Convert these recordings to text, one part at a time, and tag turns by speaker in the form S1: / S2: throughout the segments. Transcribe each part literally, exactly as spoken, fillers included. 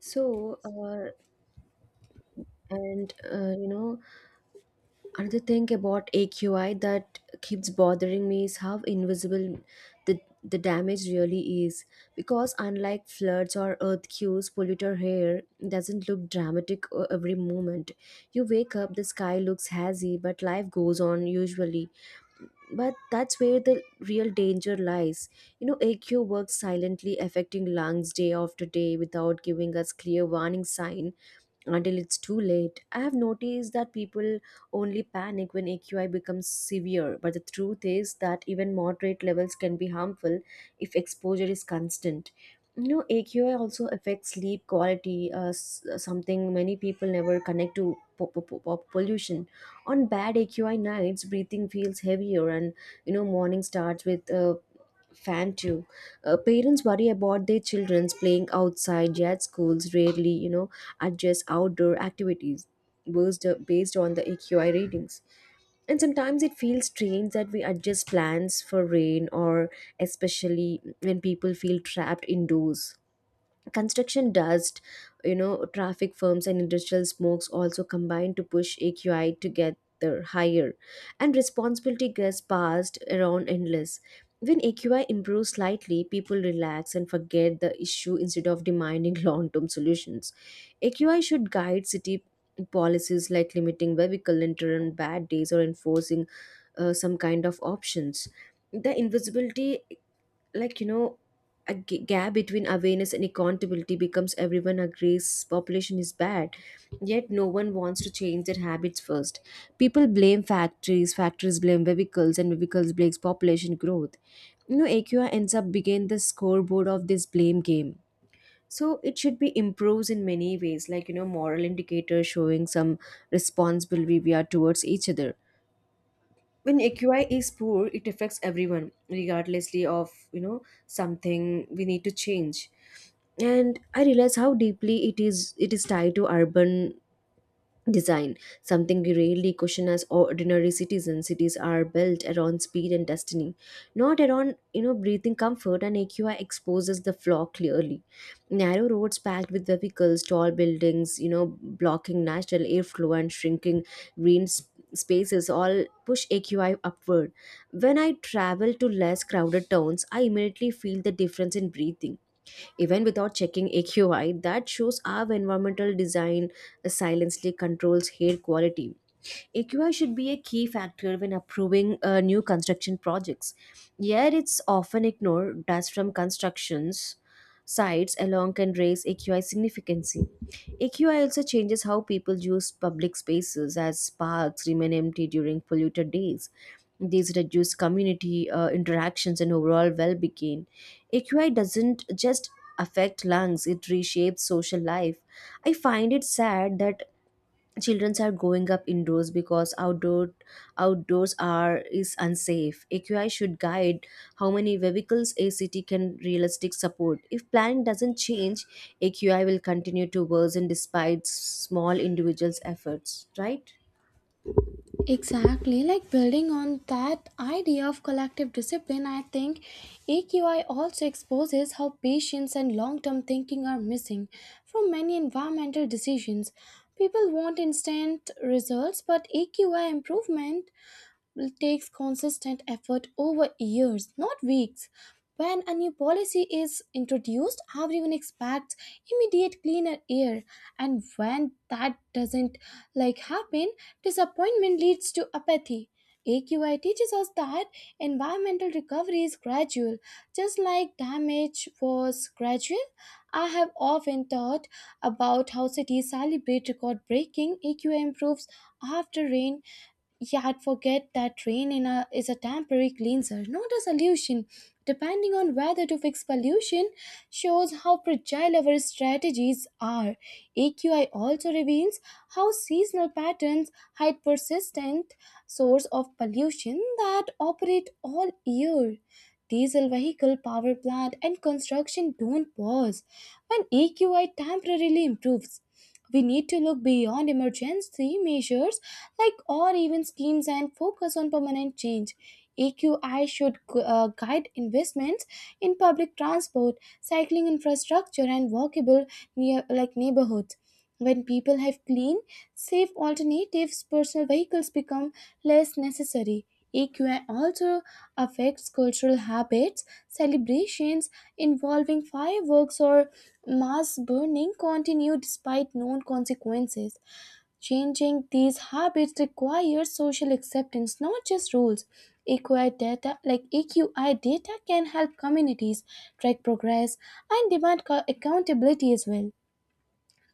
S1: So, uh, and uh, you know, Another thing about A Q I that keeps bothering me is how invisible the the damage really is. Because unlike floods or earthquakes, polluter hair doesn't look dramatic uh, every moment. You wake up, the sky looks hazy, but life goes on usually. But that's where the real danger lies. You know, A Q works silently, affecting lungs day after day without giving us clear warning sign until it's too late. I have noticed that people only panic when A Q I becomes severe, but the truth is that even moderate levels can be harmful if exposure is constant. You know, A Q I also affects sleep quality, uh, s- uh, something many people never connect to po- po- po- po- pollution. On bad A Q I nights, breathing feels heavier, and you know, morning starts with uh, fan too. Uh, parents worry about their children's playing outside, yet schools rarely, you know, adjust outdoor activities based, based on the A Q I ratings. And sometimes it feels strange that we adjust plans for rain or especially when people feel trapped indoors. Construction dust, you know, traffic firms and industrial smokes also combine to push A Q I together higher, and responsibility gets passed around endless. When A Q I improves slightly, people relax and forget the issue instead of demanding long term solutions. A Q I should guide city policies like limiting vehicle litter on bad days or enforcing uh, some kind of options. The invisibility like you know a g- gap between awareness and accountability becomes. Everyone agrees population is bad, yet no one wants to change their habits first. People blame factories, factories blame vehicles, and vehicles blames population growth. You know, AQI ends up being the scoreboard of this blame game. So it should be improved in many ways, like you know, moral indicators showing some responsibility we are towards each other. When AQI is poor, it affects everyone regardlessly of, you know, something we need to change. And I realize how deeply it is it is tied to urban design, something we rarely question as ordinary citizens. Cities are built around speed and destiny, not around, you know, breathing comfort. And A Q I exposes the flaw clearly. Narrow roads packed with vehicles, tall buildings, you know, blocking natural airflow and shrinking green sp- spaces all push A Q I upward. When I travel to less crowded towns, I immediately feel the difference in breathing even without checking A Q I. That shows how environmental design silently controls hair quality. A Q I should be a key factor when approving uh, new construction projects. Yet it's often ignored. Dust from constructions sites alone can raise A Q I significantly. A Q I also changes how people use public spaces as parks remain empty during polluted days. These reduce community uh, interactions and overall well-being. A Q I doesn't just affect lungs, it reshapes social life. I find it sad that children are growing up indoors because outdoor outdoors are is unsafe. AQI should guide how many vehicles a city can realistic support. If planning doesn't change, AQI will continue to worsen despite small individuals efforts, right?
S2: Exactly, like building on that idea of collective discipline, I think A Q I also exposes how patience and long term thinking are missing from many environmental decisions. People want instant results, but A Q I improvement takes consistent effort over years, not weeks. When a new policy is introduced, everyone expects immediate cleaner air, and when that doesn't like happen, disappointment leads to apathy. A Q I teaches us that environmental recovery is gradual, just like damage was gradual. I have often thought about how cities celebrate record breaking A Q I improves after rain, yeah, I'd forget that rain in a, is a temporary cleanser, not a solution. Depending on whether to fix pollution shows how fragile our strategies are. A Q I also reveals how seasonal patterns hide persistent source of pollution that operate all year. Diesel vehicle, power plant, and construction don't pause when A Q I temporarily improves. We need to look beyond emergency measures like or even schemes and focus on permanent change. A Q I should gu- uh, guide investments in public transport, cycling infrastructure, and walkable near like neighborhoods. When people have clean, safe alternatives, personal vehicles become less necessary. A Q I also affects cultural habits, celebrations involving fireworks or mass burning continue despite known consequences. Changing these habits requires social acceptance, not just rules. E Q I data, like E Q I data can help communities track progress and demand co- accountability as well.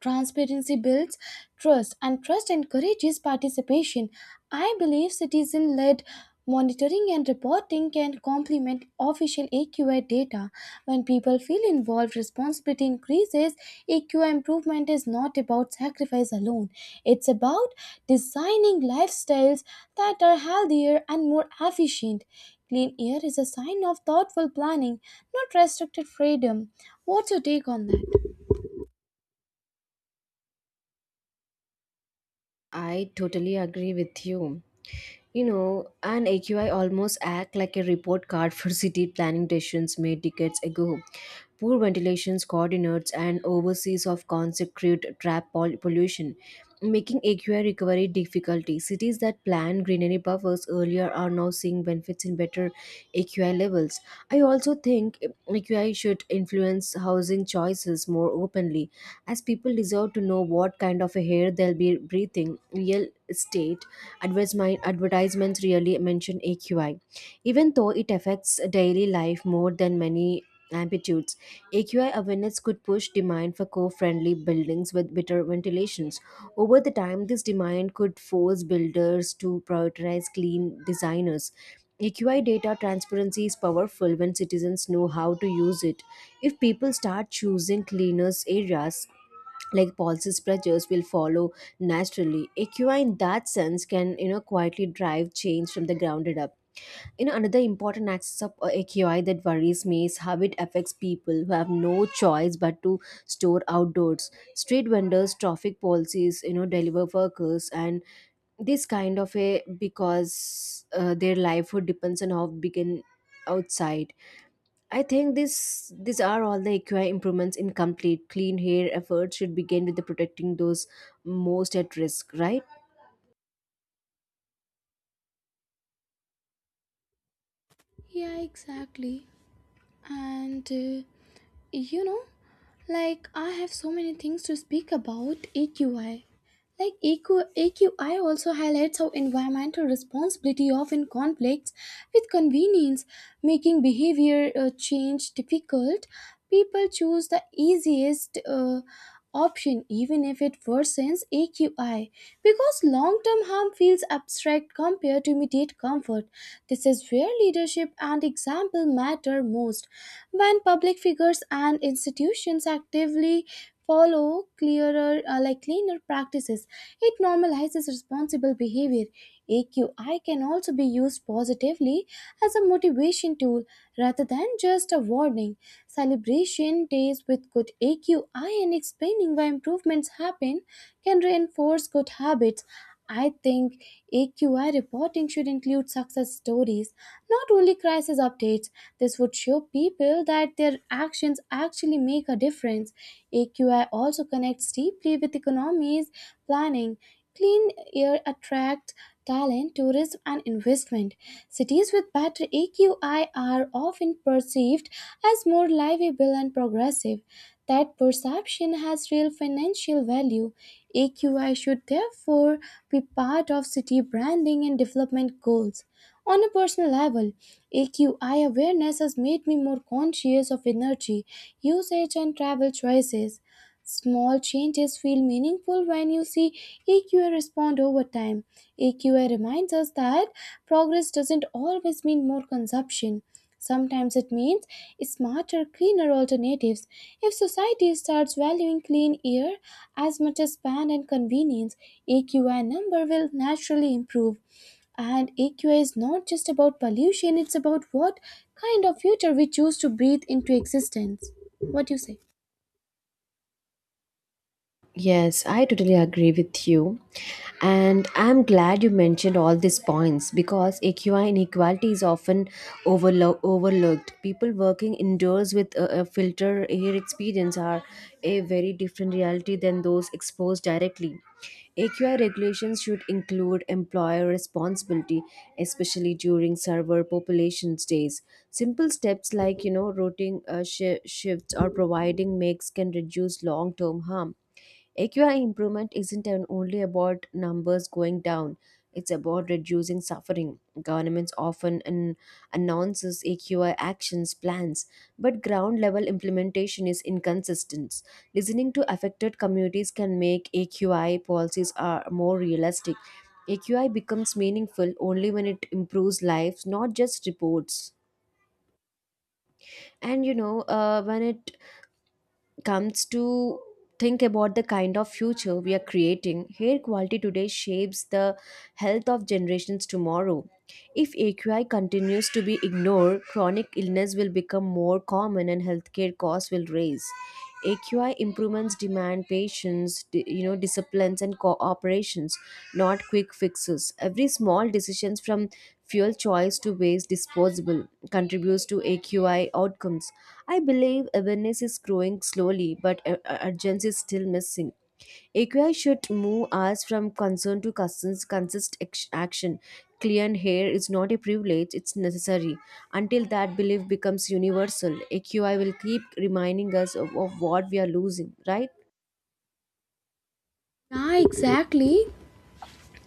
S2: Transparency builds trust, and trust encourages participation. I believe citizen led monitoring and reporting can complement official A Q I data. When people feel involved, responsibility increases. A Q I improvement is not about sacrifice alone, it's about designing lifestyles that are healthier and more efficient. Clean air is a sign of thoughtful planning, not restricted freedom. What's your take on that?
S1: I totally agree with you. You know, an A Q I almost act like a report card for city planning decisions made decades ago. Poor ventilation coordinates and overseas of consequent trap pol- pollution, making A Q I recovery difficulty. Cities that planned greenery buffers earlier are now seeing benefits in better A Q I levels. I also think A Q I should influence housing choices more openly as people deserve to know what kind of a hair they'll be breathing. Real estate advertisement, advertisements really mention A Q I, even though it affects daily life more than many amplitudes. A Q I awareness could push demand for co-friendly buildings with better ventilations. Over the time, this demand could force builders to prioritize clean designers. A Q I data transparency is powerful when citizens know how to use it. If people start choosing cleaners areas, like Paul's pressures will follow naturally. A Q I in that sense can, you know, quietly drive change from the grounded up. You know, another important axis of uh, A Q I that worries me is how it affects people who have no choice but to store outdoors. Street vendors, traffic policies, you know, deliver workers, and this kind of a because uh, their livelihood depends on how big an outside. I think this these are all the E Q I improvements in complete clean hair efforts should begin with the protecting those most at risk, right?
S2: Yeah, exactly. And uh, you know, like I have so many things to speak about A Q I. Like E Q, A Q I also highlights how environmental responsibility often conflicts with convenience, making behavior uh, change difficult. People choose the easiest uh, option even if it worsens A Q I because long term harm feels abstract compared to immediate comfort. This is where leadership and example matter most. When public figures and institutions actively follow clearer, uh, like cleaner practices, it normalizes responsible behavior. A Q I can also be used positively as a motivation tool rather than just a warning. Celebration days with good A Q I and explaining why improvements happen can reinforce good habits. I think A Q I reporting should include success stories, not only crisis updates. This would show people that their actions actually make a difference. A Q I also connects deeply with economies planning. Clean air attracts talent, tourism, and investment. Cities with better A Q I are often perceived as more livable and progressive. That perception has real financial value. A Q I should therefore be part of city branding and development goals. On a personal level, A Q I awareness has made me more conscious of energy, usage, and travel choices. Small changes feel meaningful when you see A Q I respond over time. A Q I reminds us that progress doesn't always mean more consumption. Sometimes it means smarter, cleaner alternatives. If society starts valuing clean air as much as span and convenience, A Q I number will naturally improve. And A Q I is not just about pollution, it's about what kind of future we choose to breathe into existence. What do you say?
S1: Yes, I totally agree with you. And I'm glad you mentioned all these points because A Q I inequality is often overlo- overlooked. People working indoors with a, a filter air experience are a very different reality than those exposed directly. A Q I regulations should include employer responsibility, especially during server population days. Simple steps like, you know, rotating uh, shi shifts or providing makes can reduce long-term harm. A Q I improvement isn't an- only about numbers going down, it's about reducing suffering. Governments often an- announces A Q I actions plans, but ground level implementation is inconsistent. Listening to affected communities can make A Q I policies are more realistic. A Q I becomes meaningful only when it improves lives, not just reports. And you know, uh, when it comes to think about the kind of future we are creating, hair quality today shapes the health of generations tomorrow. If A Q I continues to be ignored, chronic illness will become more common and healthcare costs will rise. A Q I improvements demand patience, di- you know, disciplines and cooperations, not quick fixes. Every small decisions from fuel choice to waste disposable contributes to A Q I outcomes. I believe awareness is growing slowly, but uh, uh, urgency is still missing. A Q I should move us from concern to consist, consist ex- action. Clear hair is not a privilege, it's necessary. Until that belief becomes universal, A Q I will keep reminding us of, of what we are losing, right?
S2: Ah, exactly.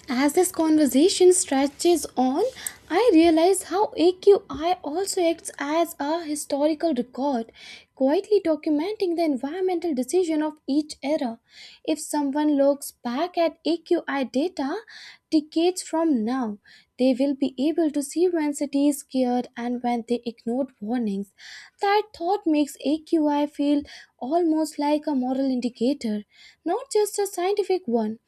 S2: As this conversation stretches on, I realize how A Q I also acts as a historical record, quietly documenting the environmental decision of each era. If someone looks back at A Q I data decades from now, they will be able to see when cities cared and when they ignored warnings. That thought makes A Q I feel almost like a moral indicator, not just a scientific one.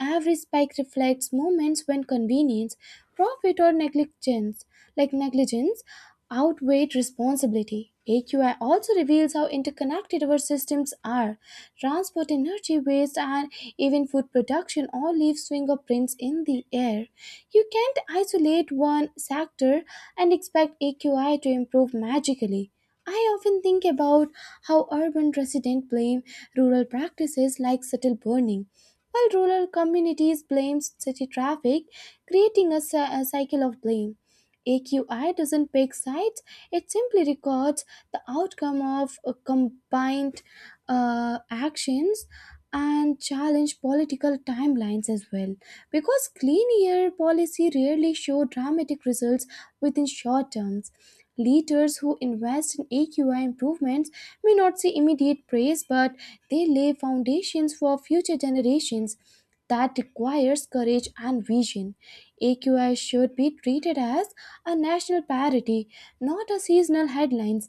S2: Every spike reflects moments when convenience, profit, or negligence, like negligence outweighed responsibility. A Q I also reveals how interconnected our systems are. Transport, energy, waste, and even food production all leave fingerprints in the air. You can't isolate one sector and expect A Q I to improve magically. I often think about how urban residents blame rural practices like subtle burning while rural communities blame city traffic, creating a, cy- a cycle of blame. A Q I doesn't pick sides, it simply records the outcome of uh, combined uh, actions and challenge political timelines as well, because clean air policy rarely show dramatic results within short terms. Leaders who invest in AQI improvements may not see immediate praise, but they lay foundations for future generations. That requires courage and vision. A Q I should be treated as a national parity, not a seasonal headlines.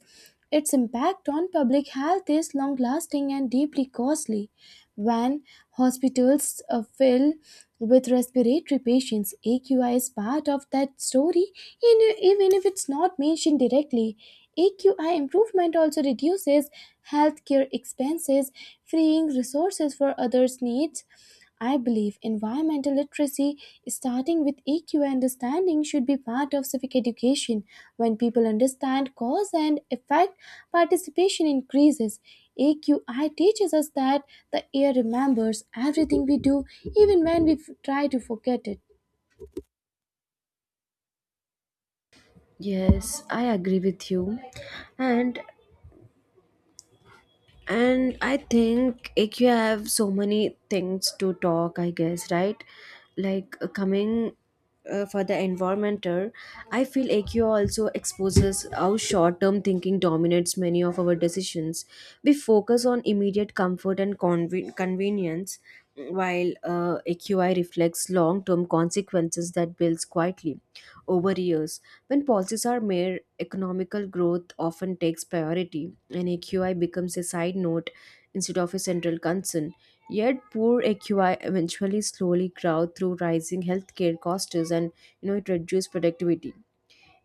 S2: Its impact on public health is long lasting and deeply costly. When hospitals uh, fill with respiratory patients, A Q I is part of that story, in- even if it's not mentioned directly. A Q I improvement also reduces healthcare expenses, freeing resources for others' needs. I believe environmental literacy, starting with E Q understanding, should be part of civic education. When people understand cause and effect, participation increases. A Q I teaches us that the air remembers everything we do, even when we f- try to forget it.
S1: Yes, I agree with you. And And I think A Q have so many things to talk, I guess, right? Like uh, coming uh, for the environmental, I feel A Q also exposes how short term thinking dominates many of our decisions. We focus on immediate comfort and conven- convenience, while uh, A Q I reflects long term consequences that builds quietly over years. When policies are made, economical growth often takes priority, and A Q I becomes a side note instead of a central concern. Yet, poor A Q I eventually slowly crowd through rising healthcare costs and, you know, it reduces productivity.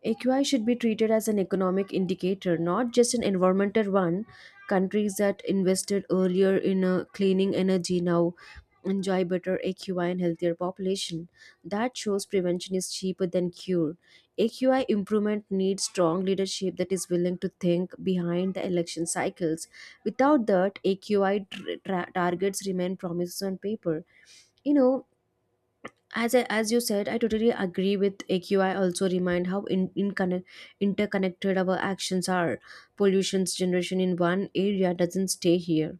S1: A Q I should be treated as an economic indicator, not just an environmental one. Countries that invested earlier in uh, cleaning energy now enjoy better A Q I and healthier population. That shows prevention is cheaper than cure. A Q I improvement needs strong leadership that is willing to think behind the election cycles. Without that, A Q I tr tra- targets remain promises on paper. You know, as I, as you said, I totally agree with AQI also remind how in, in connect, interconnected our actions are. Pollution's generation in one area doesn't stay here.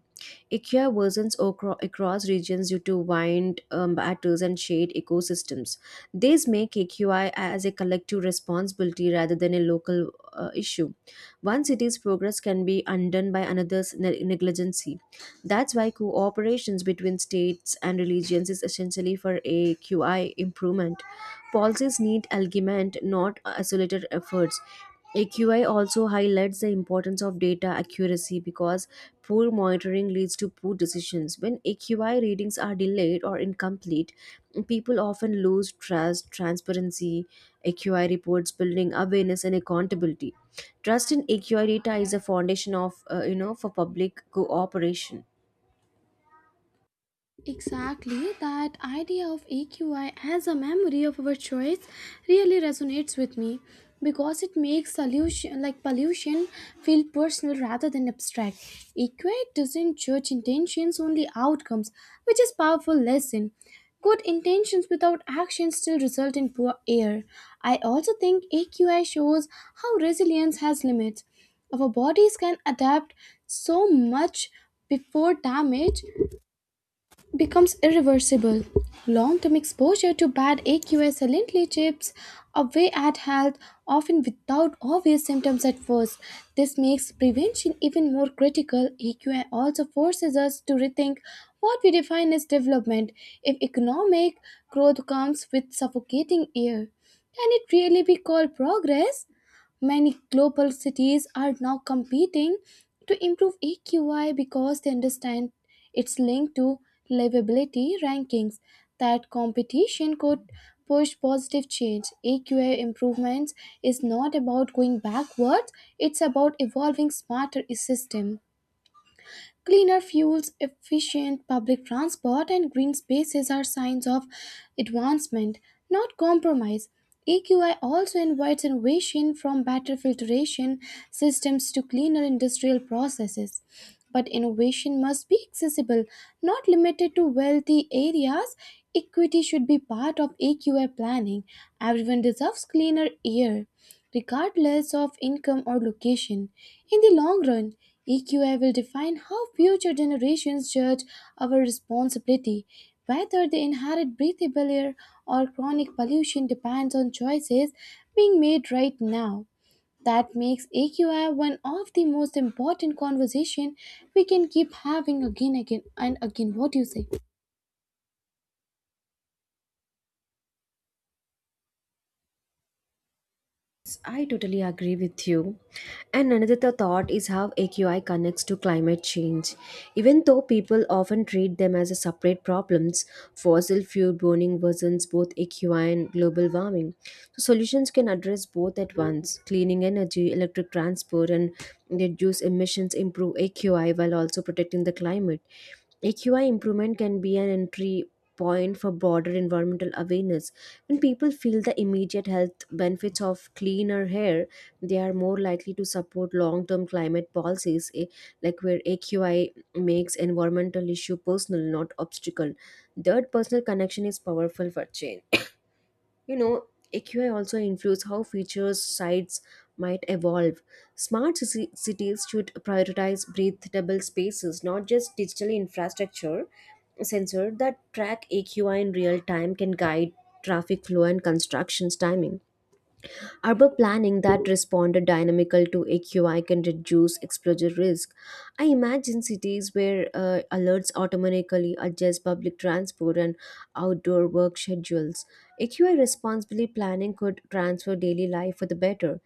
S1: IKEA worsens acro- across regions due to wind um, battles and shade ecosystems. These make A Q I as a collective responsibility rather than a local uh, issue. One city's progress can be undone by another's ne- negligence. That's why cooperations between states and religions is essentially for A Q I improvement. Policies need alignment, not isolated efforts. A Q I also highlights the importance of data accuracy because poor monitoring leads to poor decisions. When A Q I readings are delayed or incomplete, people often lose trust. Transparency, A Q I reports building awareness and accountability. Trust in A Q I data is a foundation of, uh, you know, for public cooperation.
S2: Exactly, that idea of A Q I as a memory of our choice really resonates with me because it makes solution like pollution feel personal rather than abstract. A Q I doesn't judge intentions only outcomes, which is powerful lesson. Good intentions without action still result in poor air. I also think A Q I shows how resilience has limits. Our bodies can adapt so much before damage becomes irreversible. Long term exposure to bad A Q S silently chips away at health, often without obvious symptoms at first. This makes prevention even more critical. A Q I also forces us to rethink what we define as development. If economic growth comes with suffocating air, can it really be called progress? Many global cities are now competing to improve A Q I because they understand its link to livability rankings. That competition could push positive change. A Q I improvements is not about going backwards, it's about evolving smarter system. Cleaner fuels, efficient public transport, and green spaces are signs of advancement, not compromise. A Q I also invites innovation from better filtration systems to cleaner industrial processes. But innovation must be accessible, not limited to wealthy areas. Equity should be part of A Q I planning. Everyone deserves cleaner air regardless of income or location. In the long run, E Q I will define how future generations judge our responsibility. Whether they inherit breathable air or chronic pollution depends on choices being made right now. That makes A Q I one of the most important conversation we can keep having again, again, and again. What do you say?
S1: I totally agree with you. And another th- thought is how A Q I connects to climate change. Even though people often treat them as a separate problems, fossil fuel burning worsens both A Q I and global warming. So solutions can address both at once. Cleaning energy, electric transport, and reduce emissions improve A Q I while also protecting the climate. A Q I improvement can be an entry point for broader environmental awareness. When people feel the immediate health benefits of cleaner air, they are more likely to support long term climate policies, eh, like where A Q I makes environmental issue personal, not obstacle. That personal connection is powerful for change. You know, A Q I also influences how features sites might evolve. Smart ci- cities should prioritize breathable spaces, not just digital infrastructure. Sensor that track A Q I in real time can guide traffic flow and constructions timing. Urban planning that responded dynamical to A Q I can reduce exposure risk. I imagine cities where uh, alerts automatically adjust public transport and outdoor work schedules. A Q I responsibly planning could transfer daily life for the better.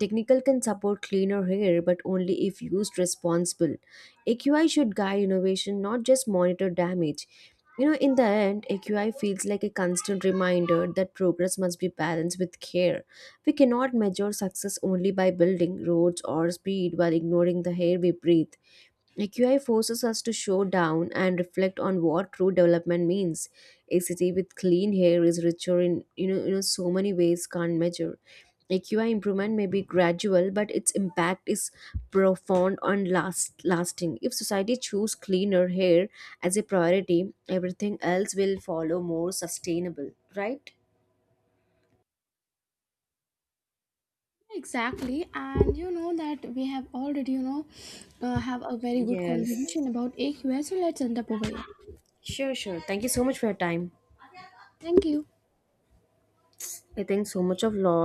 S1: Technical can support cleaner air, but only if used responsible. A Q I should guide innovation, not just monitor damage. You know, in the end, A Q I feels like a constant reminder that progress must be balanced with care. We cannot measure success only by building roads or speed while ignoring the air we breathe. A Q I forces us to slow down and reflect on what true development means. A city with clean air is richer in, you know, you know so many ways can't measure. A Q I improvement may be gradual, but its impact is profound and last lasting. If society choose cleaner hair as a priority, everything else will follow more sustainable, right?
S2: Exactly, and you know that we have already, you know, uh, have a very good
S1: Yes.
S2: conversation about A Q S. So let's end up over here.
S1: Sure, sure. Thank you so much for your time.
S2: Thank you.
S1: I think so much of law